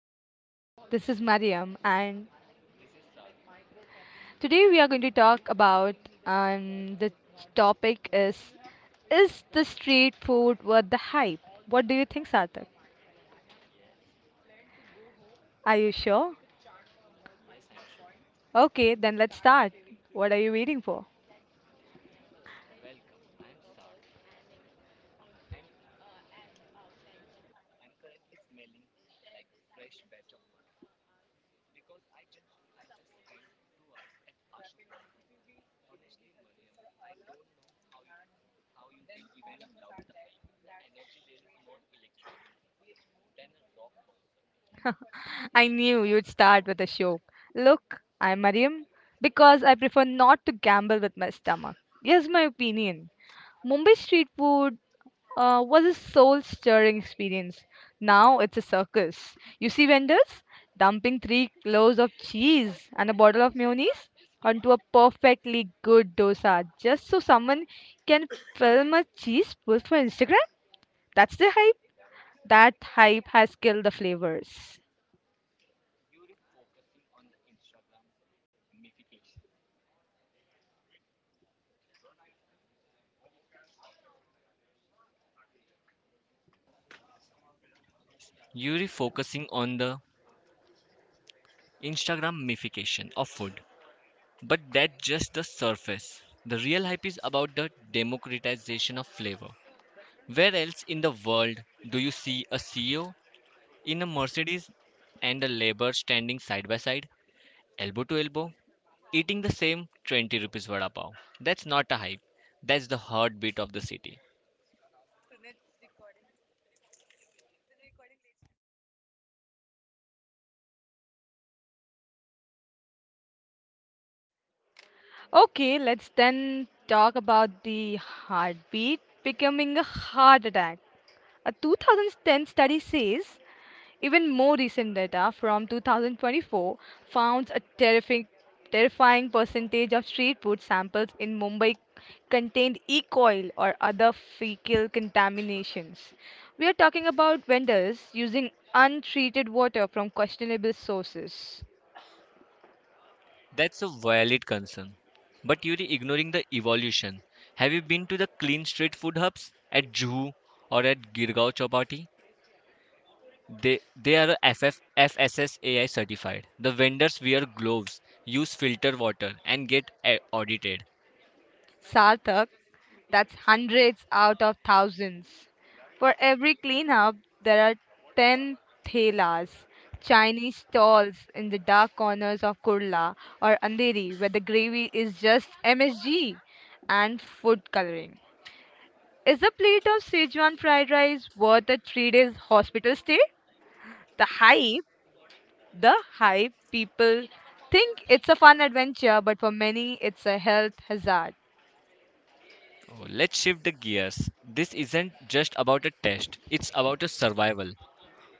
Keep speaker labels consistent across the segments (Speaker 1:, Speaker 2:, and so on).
Speaker 1: podcast. This is Mariam, and today we are going to talk about the topic is the street food worth the hype? What do you think, Sarthak? Are you sure? Okay, then let's start. What are you waiting for? I knew you'd start with a show. Look, I'm Mariam because I prefer not to gamble with my stomach. Here's my opinion. Mumbai street food was a soul stirring experience. Now it's a circus. You see vendors dumping 3 kilos of cheese and a bottle of mayonnaise onto a perfectly good dosa just so someone can film a cheese post for Instagram? That's the hype. That hype has killed the flavors.
Speaker 2: Yuri focusing on the Instagramification of food. But that's just the surface. The real hype is about the democratization of flavor. Where else in the world do you see a CEO in a Mercedes and a labor standing side by side, elbow to elbow, eating the same 20 rupees vada pav? That's not a hype. That's the heartbeat of the city.
Speaker 1: Okay, let's then talk about the heartbeat becoming a heart attack. A 2010 study says even more recent data from 2024 found a terrifying percentage of street food samples in Mumbai contained E. coli or other fecal contaminations. We are talking about vendors using untreated water from questionable sources.
Speaker 2: That's a valid concern. But you're ignoring the evolution. Have you been to the clean street food hubs at Juhu or at Girgaon Chowpatty? They are FFFSSAI certified. The vendors wear gloves, use filter water, and audited.
Speaker 1: Sarthak, that's hundreds out of thousands. For every cleanup, there are 10 thelas, Chinese stalls in the dark corners of Kurla or Andheri where the gravy is just MSG and food coloring. Is a plate of Sichuan fried rice worth a 3 days hospital stay? The hype, people think it's a fun adventure, but for many, it's a health hazard.
Speaker 2: Oh, let's shift the gears. This isn't just about a test; it's about a survival.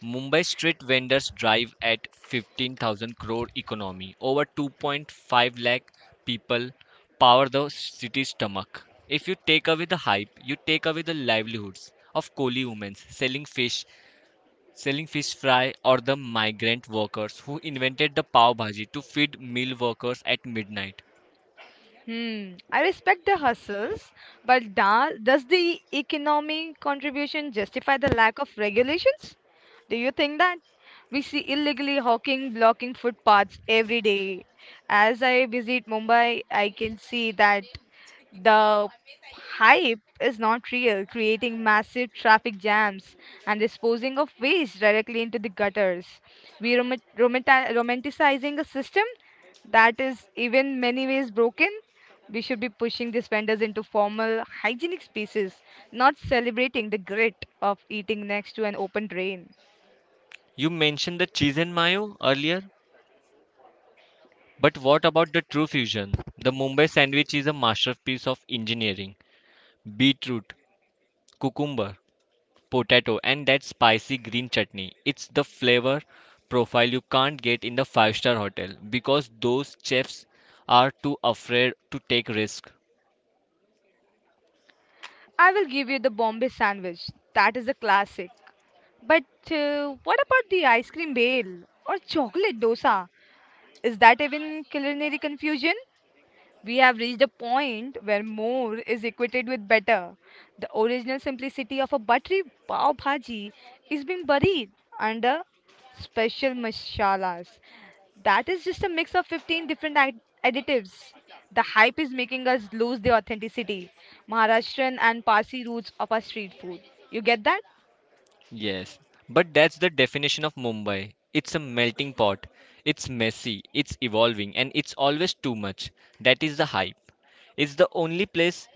Speaker 2: Mumbai street vendors drive at 15,000 crore economy. Over 2.5 lakh people power the city's stomach. If you take away the hype, you take away the livelihoods of coolie women selling fish fry, or the migrant workers who invented the pav bhaji to feed meal workers at midnight.
Speaker 1: Hmm. I respect the hustles, but does the economic contribution justify the lack of regulations? Do you think that? We see illegally hawking blocking footpaths every day. As I visit Mumbai, I can see that the hype is not real, creating massive traffic jams and disposing of waste directly into the gutters. We romanticizing a system that is even many ways broken. We should be pushing these vendors into formal hygienic spaces, not celebrating the grit of eating next to an open drain.
Speaker 2: You mentioned the cheese and mayo earlier, but what about the true fusion? The Mumbai sandwich is a masterpiece of engineering. Beetroot, cucumber, potato and that spicy green chutney. It's the flavor profile you can't get in the five-star hotel because those chefs are too afraid to take risk.
Speaker 1: I will give you the Bombay sandwich. That is a classic. But what about the ice cream bale or chocolate dosa? Is that even culinary confusion? We have reached a point where more is equated with better. The original simplicity of a buttery pav bhaji is being buried under special masalas. That is just a mix of 15 different additives. The hype is making us lose the authenticity, Maharashtrian and Parsi roots of our street food. You get that?
Speaker 2: Yes, but that's the definition of Mumbai. It's a melting pot. It's messy, it's evolving, and it's always too much. That is the hype. It's the only place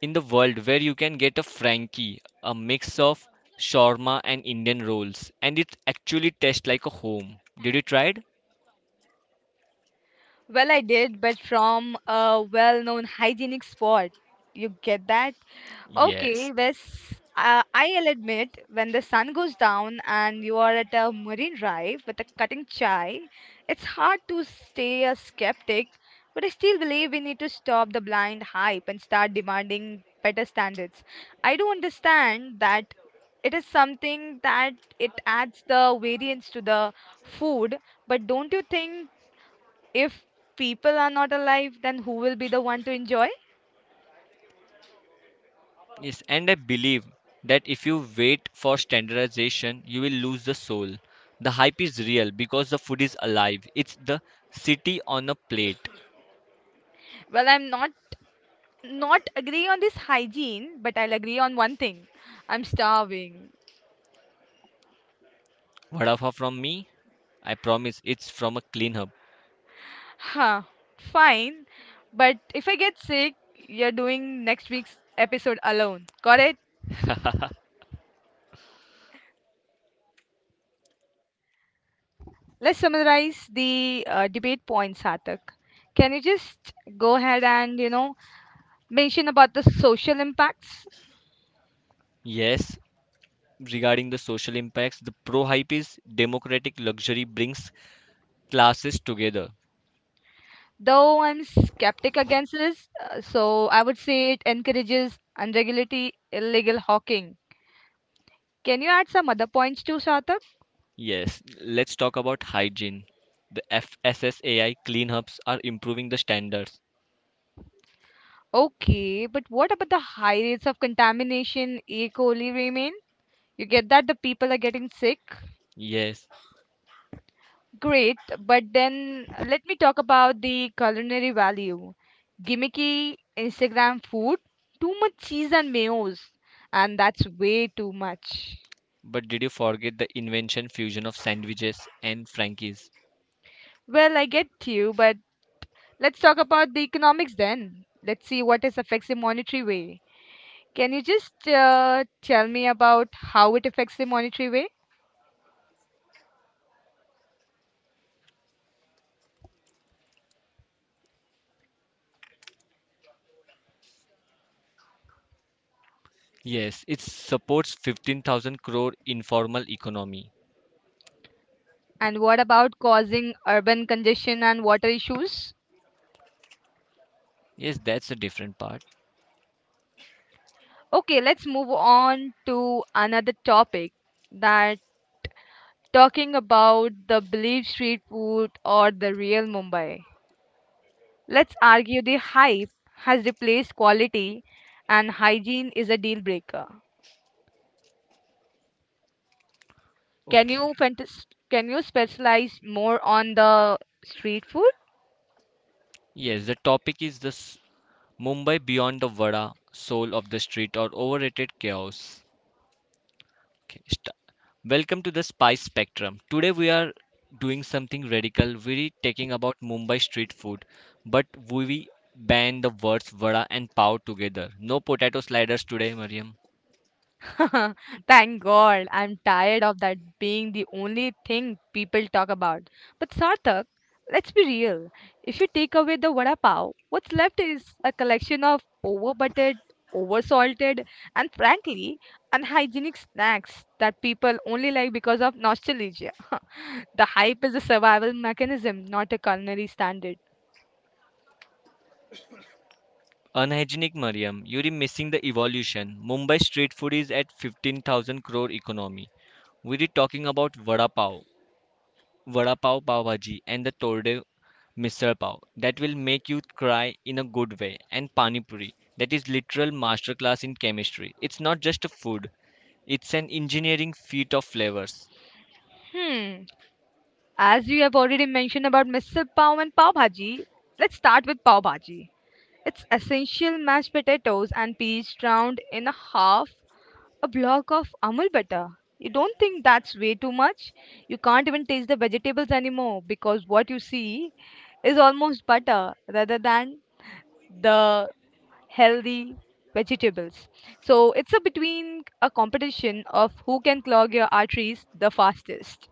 Speaker 2: in the world where you can get a Frankie, a mix of shawarma and Indian rolls, and it actually tastes like a home. Did you try it?
Speaker 1: Well, I did, but from a well known hygienic spot. You get that?
Speaker 2: Okay, yes.
Speaker 1: Okay, Wes, I'll admit when the sun goes down and you are at a marine drive with a cutting chai, it's hard to stay a skeptic, but I still believe we need to stop the blind hype and start demanding better standards. I do understand that it is something that it adds the variance to the food, but don't you think if people are not alive, then who will be the one to enjoy?
Speaker 2: Yes, and I believe that if you wait for standardization, you will lose the soul. The hype is real because the food is alive. It's the city on a plate.
Speaker 1: Well, I'm not not agree on this hygiene, but I'll agree on one thing. I'm starving.
Speaker 2: Vada pav from me, I promise it's from a clean hub.
Speaker 1: Huh, fine. But if I get sick, you're doing next week's episode alone. Got it? Let's summarize the debate points, Satak. Can you just go ahead and, mention about the social impacts?
Speaker 2: Yes, regarding the social impacts, the pro hype is democratic luxury brings classes together.
Speaker 1: Though I'm skeptic against this, so I would say it encourages unregulated illegal hawking. Can you add some other points too, Satak?
Speaker 2: Yes, let's talk about hygiene. The FSSAI clean hubs are improving the standards.
Speaker 1: Okay, but what about the high rates of contamination E. coli remain? You get that the people are getting sick?
Speaker 2: Yes,
Speaker 1: Great, but then let me talk about the culinary value. Gimmicky Instagram food, too much cheese and mayos, and that's way too much.
Speaker 2: but did you forget the invention fusion of sandwiches and Frankies?
Speaker 1: Well, I get you, but let's talk about the economics then. Let's see what it affects the monetary way. Can you just tell me about how it affects the monetary way?
Speaker 2: Yes, it supports 15,000 crore informal economy.
Speaker 1: And what about causing urban congestion and water issues?
Speaker 2: Yes, that's a different part.
Speaker 1: Okay, let's move on to another topic that talking about the believed street food or the real Mumbai. Let's argue the hype has replaced quality and hygiene is a deal breaker.
Speaker 2: Okay.
Speaker 1: Can you specialize more on the street food?
Speaker 2: Yes, the topic is the Mumbai beyond the Vada, soul of the street or overrated chaos. Okay, sta- Welcome to the Spice Spectrum. Today we are doing something radical. We're talking about Mumbai street food, but we ban the words vada and pav together. No potato sliders today, Mariam.
Speaker 1: Thank God, I'm tired of that being the only thing people talk about. But Sarthak, let's be real. If you take away the vada pav, what's left is a collection of overbuttered, oversalted, and frankly, unhygienic snacks that people only like because of nostalgia. The hype is a survival mechanism, not a culinary standard.
Speaker 2: Unhygienic Mariam, you're missing the evolution. Mumbai street food is at 15,000 crore economy. We're talking about vada pav. Vada pav, pav bhaji and the tordev misal pav that will make you cry in a good way, and pani puri that is literal masterclass in chemistry. It's not just a food, it's an engineering feat of flavors.
Speaker 1: Hmm. As you have already mentioned about misal pav and pav bhaji, let's start with pav bhaji. It's essential mashed potatoes and peas drowned in a half a block of amul butter. You don't think that's way too much? You can't even taste the vegetables anymore because what you see is almost butter rather than the healthy vegetables. So it's a between a competition of who can clog your arteries the fastest.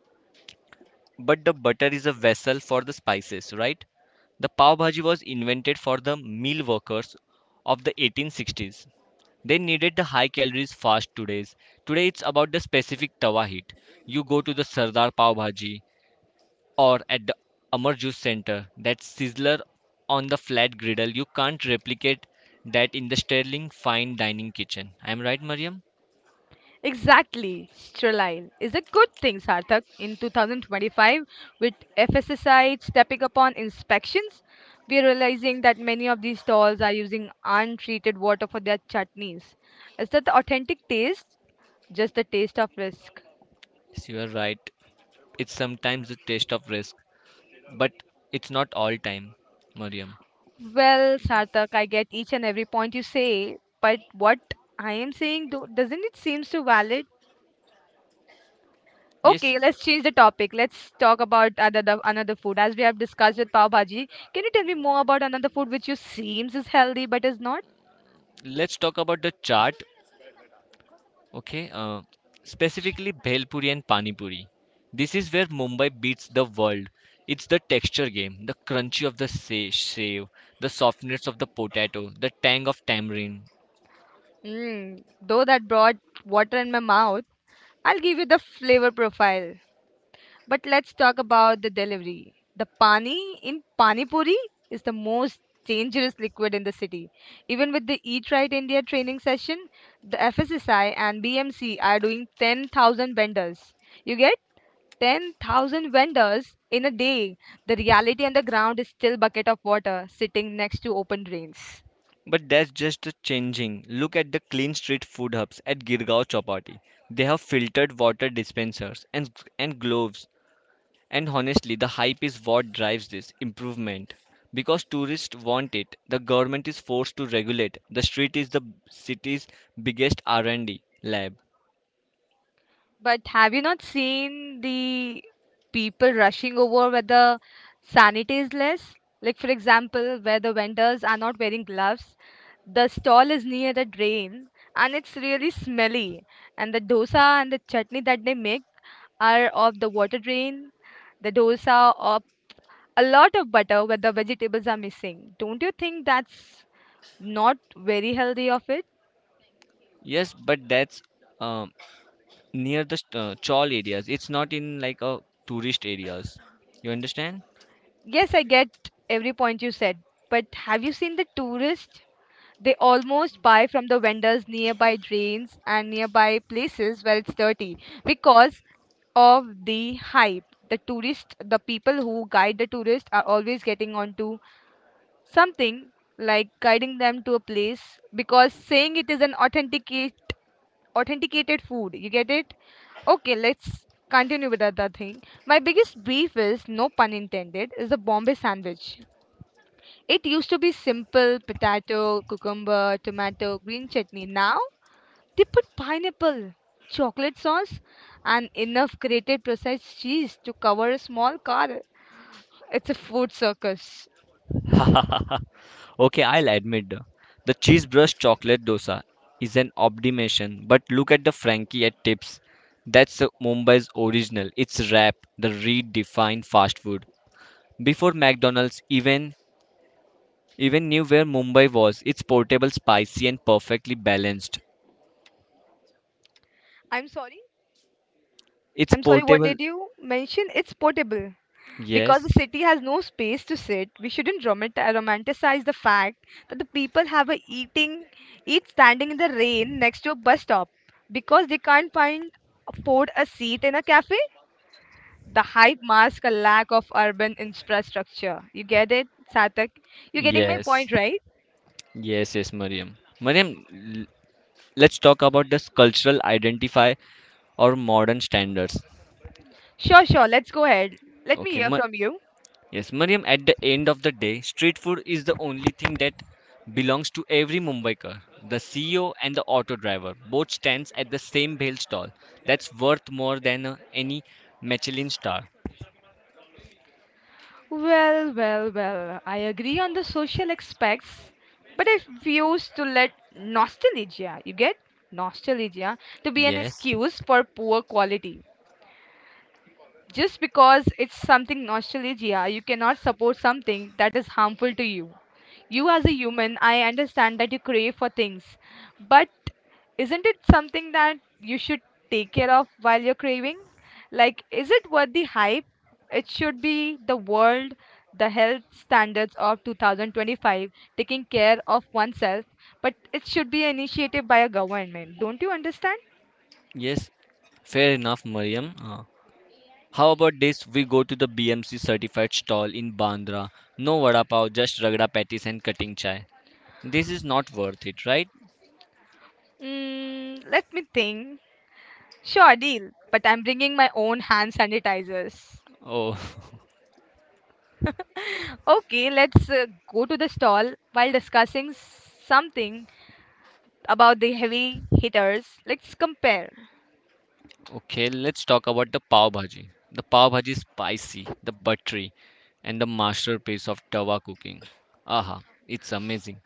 Speaker 2: But the butter is a vessel for the spices, right? The pav bhaji was invented for the meal workers of the 1860s. They needed the high calories fast today. Today it's about the specific tawa heat. You go to the Sardar pav bhaji or at the Amar Juice Center. That sizzler on the flat griddle, you can't replicate that in the sterling fine dining kitchen. I'm right, Mariam?
Speaker 1: Exactly, sterile is a good thing, Sarthak. In 2025, with FSSI stepping up on inspections, we are realizing that many of these stalls are using untreated water for their chutneys. Is that the authentic taste? Just the taste of risk.
Speaker 2: Yes, you are right. It's sometimes a taste of risk, but it's not all time, Mariam.
Speaker 1: Well, Sarthak, I get each and every point you say, but what I am saying, doesn't it seems so valid?
Speaker 2: Yes.
Speaker 1: Okay,
Speaker 2: Let's
Speaker 1: let's
Speaker 2: Let's change
Speaker 1: change the
Speaker 2: the topic.
Speaker 1: topic.
Speaker 2: Let's
Speaker 1: Let's
Speaker 2: talk
Speaker 1: talk
Speaker 2: about
Speaker 1: about
Speaker 2: another
Speaker 1: another
Speaker 2: another
Speaker 1: another
Speaker 2: food.
Speaker 1: food.
Speaker 2: food As
Speaker 1: As we
Speaker 2: we have
Speaker 1: have
Speaker 2: discussed
Speaker 1: discussed
Speaker 2: with
Speaker 1: with
Speaker 2: Pav
Speaker 1: pav
Speaker 2: Bhaji,
Speaker 1: bhaji,
Speaker 2: can
Speaker 1: can
Speaker 2: you
Speaker 1: you tell
Speaker 2: tell me
Speaker 1: me more
Speaker 2: more about
Speaker 1: about another
Speaker 2: another food
Speaker 1: food
Speaker 2: which
Speaker 1: which
Speaker 2: you
Speaker 1: you seems
Speaker 2: seems is
Speaker 1: is
Speaker 2: is
Speaker 1: healthy
Speaker 2: healthy but
Speaker 1: but
Speaker 2: is
Speaker 1: is
Speaker 2: not?
Speaker 1: not?
Speaker 2: Let's talk about the chart. Okay, uh, Specifically Bhelpuri and Panipuri. This is where Mumbai beats the world. It's the texture game, the crunchy of the save, the softness of the potato, the tang of tamarind.
Speaker 1: Mm, though that brought water in my mouth, I'll give you the flavor profile. But let's talk about the delivery. The pani in pani puri is the most dangerous liquid in the city. Even with the Eat Right India training session, the FSSI and BMC are doing 10,000 vendors. You get 10,000 vendors in a day. The reality on the ground is still bucket of water sitting next to open drains.
Speaker 2: But that's just a changing. Look at the clean street food hubs at Girgaon Chowpatty. They have filtered water dispensers and gloves. And honestly, the hype is what drives this improvement. Because tourists want it, the government is forced to regulate. The street is the city's biggest R&D lab.
Speaker 1: But have you not seen the people rushing over where the sanity is less? Like, for example, where the vendors are not wearing gloves, the stall is near the drain and it's really smelly. And the dosa and the chutney that they make are of the water drain, the dosa, of a lot of butter where the vegetables are missing. Don't you think that's not very healthy of it?
Speaker 2: Yes, but that's um, near the chawl areas. It's not in like a tourist areas. You understand?
Speaker 1: Yes, I get every point you said, but have you seen the tourist? They almost buy from the vendors nearby drains and nearby places where it's dirty because of the hype. The tourists, the people who guide the tourists are always getting onto something like guiding them to a place because saying it is an authenticated food. You get it? Okay, let's continue with other thing. My biggest beef is, no pun intended, is the Bombay sandwich. It used to be simple potato, cucumber, tomato, green chutney. Now they put pineapple, chocolate sauce, and enough grated processed cheese to cover a small car. It's a food circus.
Speaker 2: Okay, I'll admit the cheese brush chocolate dosa is an obdimation, but look at the Frankie at tips. That's Mumbai's original. It's rap, the redefined fast food. Before McDonald's even knew where Mumbai was, it's portable, spicy, and perfectly balanced.
Speaker 1: I'm sorry.
Speaker 2: It's
Speaker 1: I'm sorry, what
Speaker 2: portable.
Speaker 1: did you mention? It's portable. Because the
Speaker 2: Yes,
Speaker 1: city has no space to sit, we shouldn't romanticize the fact that the people eat standing in the rain next to a bus stop because they can't find afford a seat in a cafe. The hype masks a lack of urban infrastructure. You get it, Satak? You're getting my
Speaker 2: yes,
Speaker 1: point, right?
Speaker 2: yes, Mariam. L- let's talk about this cultural identify or modern standards.
Speaker 1: Sure, sure. Let's go ahead. Let me
Speaker 2: Okay,
Speaker 1: hear
Speaker 2: ma-
Speaker 1: from you.
Speaker 2: Yes, Mariam, at the end of the day, street food is the only thing that belongs to every Mumbaikar. The CEO and the auto driver both stands at the same bhel stall. That's worth more than any Michelin star.
Speaker 1: Well, well, well. I agree on the social aspects, but I refuse to let nostalgia, you get nostalgia, to be an
Speaker 2: Yes,
Speaker 1: excuse for poor quality. Just because it's something nostalgia, you cannot support something that is harmful to you. You, as a human, I understand that you crave for things, but isn't it something that you should take care of while you're craving? Like, is it worth the hype? It should be the world, the health standards of 2025, taking care of oneself, but it should be an initiative by a government. Don't you understand?
Speaker 2: yes, fair enough, Mariam. How about this? We go to the BMC certified stall in Bandra. No vada pav, just ragda patties and cutting chai. This is not worth it, right?
Speaker 1: Mm, let me think. Sure, deal. But I'm bringing my own hand sanitizers.
Speaker 2: Oh.
Speaker 1: Okay, let's go to the stall while discussing something about the heavy hitters. Let's compare.
Speaker 2: Okay, let's talk about the pav bhaji. The pav bhaji is spicy, the buttery, and the masterpiece of tawa cooking. Aha, it's amazing.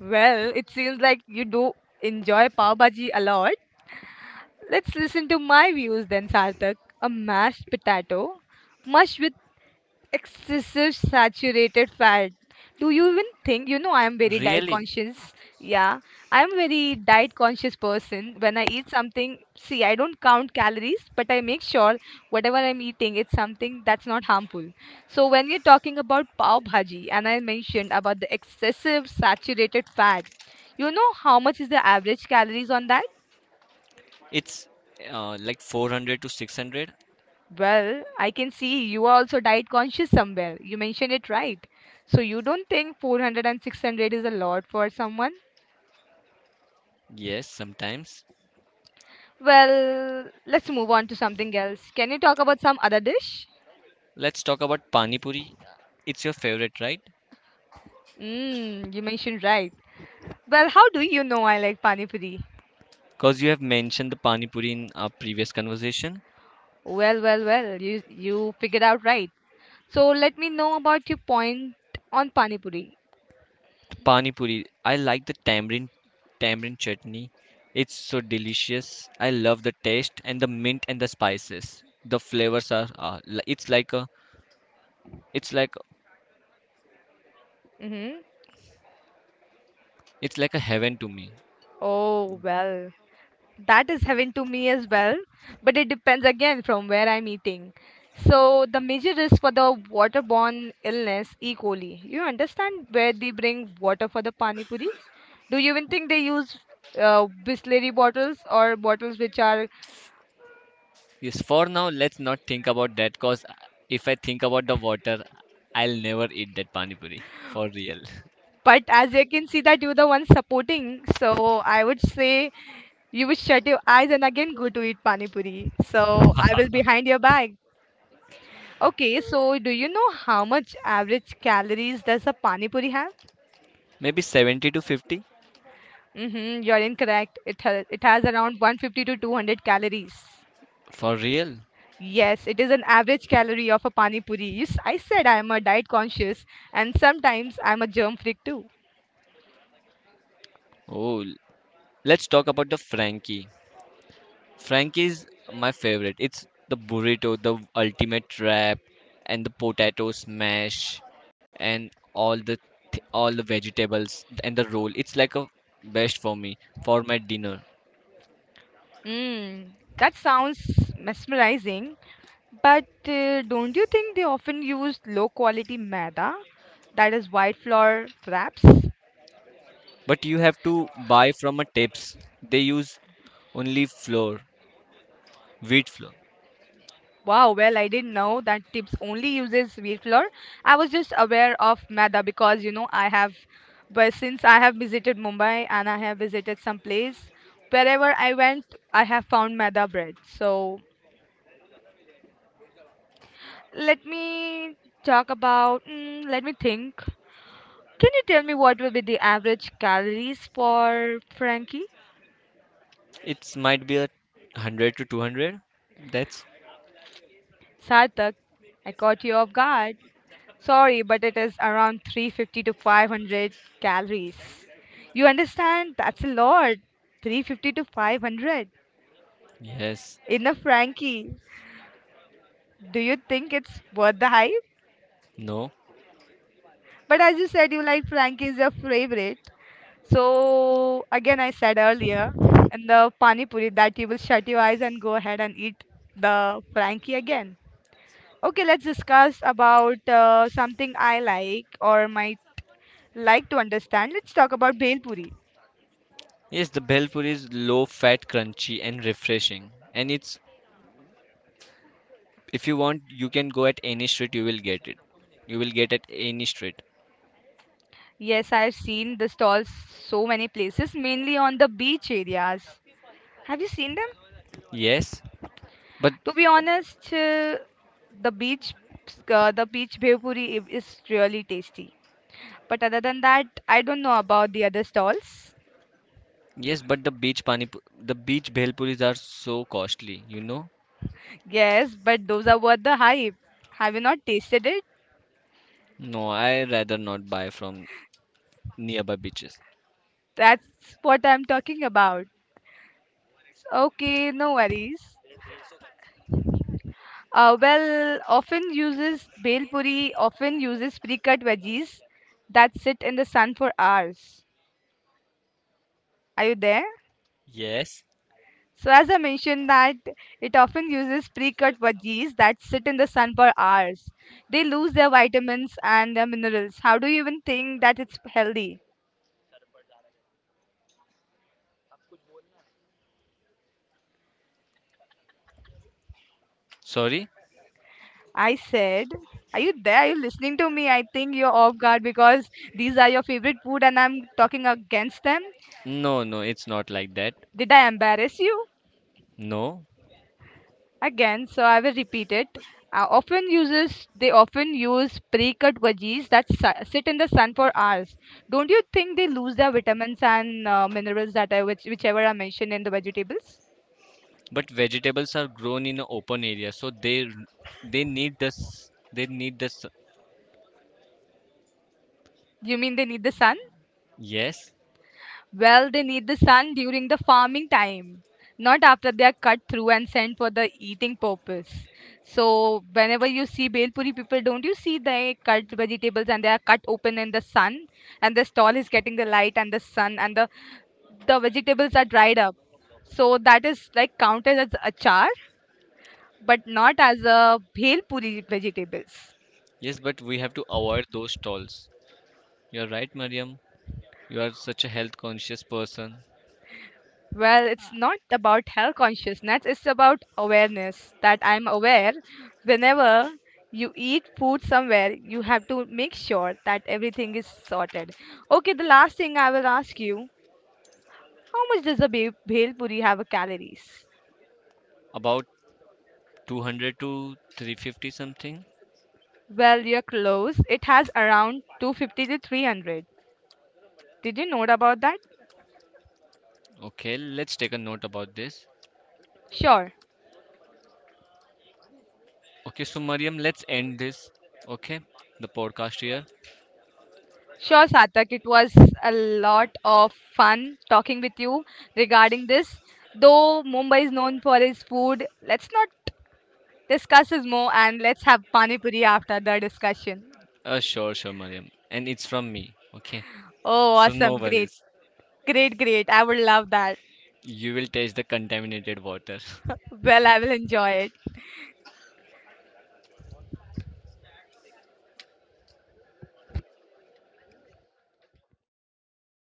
Speaker 1: Well, it seems like you do enjoy pav bhaji a lot. Let's listen to my views then, Sarthak. A mashed potato, mush excessive saturated fat, do you even think, you know, I am very diet
Speaker 2: Really?
Speaker 1: conscious? Yeah, I am very diet conscious person. When I eat something, see, I don't count calories, but I make sure whatever I'm eating it's something that's not harmful. So when we are talking about pav bhaji and I mentioned about the excessive saturated fat, you know how much is the average calories on that?
Speaker 2: It's like 400 to 600?
Speaker 1: Well, I can see you are also diet conscious somewhere. You mentioned it right. So you don't think 400 and 600 is a lot for someone?
Speaker 2: Yes, sometimes.
Speaker 1: Well, let's move on to something else. Can you talk about some other dish?
Speaker 2: Let's talk about pani puri. It's your favorite, right?
Speaker 1: Mmm, you mentioned right. Well, how do you know I like pani puri?
Speaker 2: Because you have mentioned the pani puri in our previous conversation.
Speaker 1: Well, you figured out right. So let me know about your point on pani puri.
Speaker 2: The pani puri, I like the tamarind chutney. It's so delicious. I love the taste and the mint and the spices. The flavors are it's like
Speaker 1: Mm-hmm.
Speaker 2: it's like a heaven to me.
Speaker 1: Oh, well, that is heaven to me as well, but it depends again from where I'm eating. So the major risk for the waterborne illness, E. coli, you understand where they bring water for the pani puri? Do you even think they use Bisleri bottles or bottles which are?
Speaker 2: Yes, for now let's not think about that cause if I think about the water, I'll never eat that pani puri for real.
Speaker 1: But as you can see that you're the one supporting, so I would say you would shut your eyes and again go to eat pani puri, so I will behind your back. Okay, so do you know how much average calories does a pani puri have?
Speaker 2: Maybe 70 to 50
Speaker 1: Mm-hmm, you're incorrect. It has around 150 to 200 calories.
Speaker 2: for real.
Speaker 1: Yes, it is an average calorie of a pani puri. Yes, I said I am a diet conscious and sometimes I'm a germ freak too.
Speaker 2: Oh, let's talk about the Frankie. Frankie's my favorite. It's the burrito, the ultimate wrap, and the potato smash, and all the vegetables and the roll. It's like a best for me for my dinner.
Speaker 1: Mm, that sounds mesmerizing, but don't you think they often use low quality maida, that is white flour wraps?
Speaker 2: But you have to buy from a tips. They use only flour, wheat flour.
Speaker 1: Wow, well, I didn't know that tips only uses wheat flour. I was just aware of maida because you know I have, but since I have visited Mumbai and I have visited some place, wherever I went, I have found maida bread. So let me talk about. Mm, let me think. Can you tell me what will be the average calories for Frankie?
Speaker 2: It's might be 100 to 200. That's
Speaker 1: Sartak, I caught you off guard. Sorry, but it is around 350 to 500 calories. You understand? That's a lot. 350 to 500.
Speaker 2: yes,
Speaker 1: In a Frankie. Do you think it's worth the hype?
Speaker 2: no.
Speaker 1: But as you said, you like Frankie is your favorite. So, again, I said earlier, in the Pani Puri, that you will shut your eyes and go ahead and eat the Frankie again. Okay, let's discuss about something I like or might like to understand. Let's talk about Bhel Puri.
Speaker 2: Yes, the bell puri is low fat, crunchy, and refreshing, and it's if you want, you can go at any street, you will get it. You will get at any street.
Speaker 1: Yes, I've seen the stalls so many places, mainly on the beach areas. Have you seen them?
Speaker 2: Yes, but
Speaker 1: To be honest, the beach, the beach bhel puri is really tasty. But other than that, I don't know about the other stalls.
Speaker 2: the the beach bhel puris are so costly, you know?
Speaker 1: Yes, but those are worth the hype. Have you not tasted it?
Speaker 2: No, I rather not buy from nearby beaches.
Speaker 1: That's what I'm talking about. Okay, no worries. Well, often uses bhel puri often uses pre-cut veggies that sit in the sun for hours. Are you there?
Speaker 2: Yes.
Speaker 1: So as I mentioned that it often uses pre-cut veggies that sit in the sun for hours. They lose their vitamins and their minerals. How do you even think that it's healthy?
Speaker 2: Sorry?
Speaker 1: I said, are you there? Are you listening to me? I think you're off guard because these are your favorite food and I'm talking against them.
Speaker 2: No, no, it's not like that.
Speaker 1: Did I embarrass you?
Speaker 2: No,
Speaker 1: Again, so I will repeat it. Often uses they often use pre-cut veggies that sit in the sun for hours. Don't you think they lose their vitamins and minerals that I which whichever are mentioned in the vegetables?
Speaker 2: but Vegetables are grown in an open area, so they need this. They need this.
Speaker 1: You mean they need the sun?
Speaker 2: Yes.
Speaker 1: Well, they need the sun during the farming time, not after they are cut through and sent for the eating purpose. So whenever you see Belpuri people, don't you see they cut vegetables and they are cut open in the sun and the stall is getting the light and the sun and the vegetables are dried up. So that is like counted as achar, but not as a bhel puri vegetables.
Speaker 2: Yes, but we have to avoid those stalls. You are right, Mariam. You are such a health conscious person.
Speaker 1: Well, it's not about health consciousness, it's about awareness that I'm aware whenever you eat food somewhere, you have to make sure that everything is sorted. Okay, the last thing I will ask you, how much does a bhel puri have a calories?
Speaker 2: About 200 to 350 something.
Speaker 1: Well, you're close. It has around 250 to 300. Did you know about that?
Speaker 2: Okay, let's take a note about this.
Speaker 1: Sure.
Speaker 2: Okay, so Mariam, let's end this. Okay, the podcast here.
Speaker 1: Sure, Satak, it was a lot of fun talking with you regarding this. Though Mumbai is known for its food, let's not discuss this more and let's have pani puri after the discussion.
Speaker 2: Sure, sure, Mariam. And it's from me. Okay,
Speaker 1: Oh,
Speaker 2: so
Speaker 1: awesome.
Speaker 2: no
Speaker 1: Great.
Speaker 2: worries.
Speaker 1: Great, great. I would love that.
Speaker 2: You will taste the contaminated water.
Speaker 1: Well, I will enjoy it.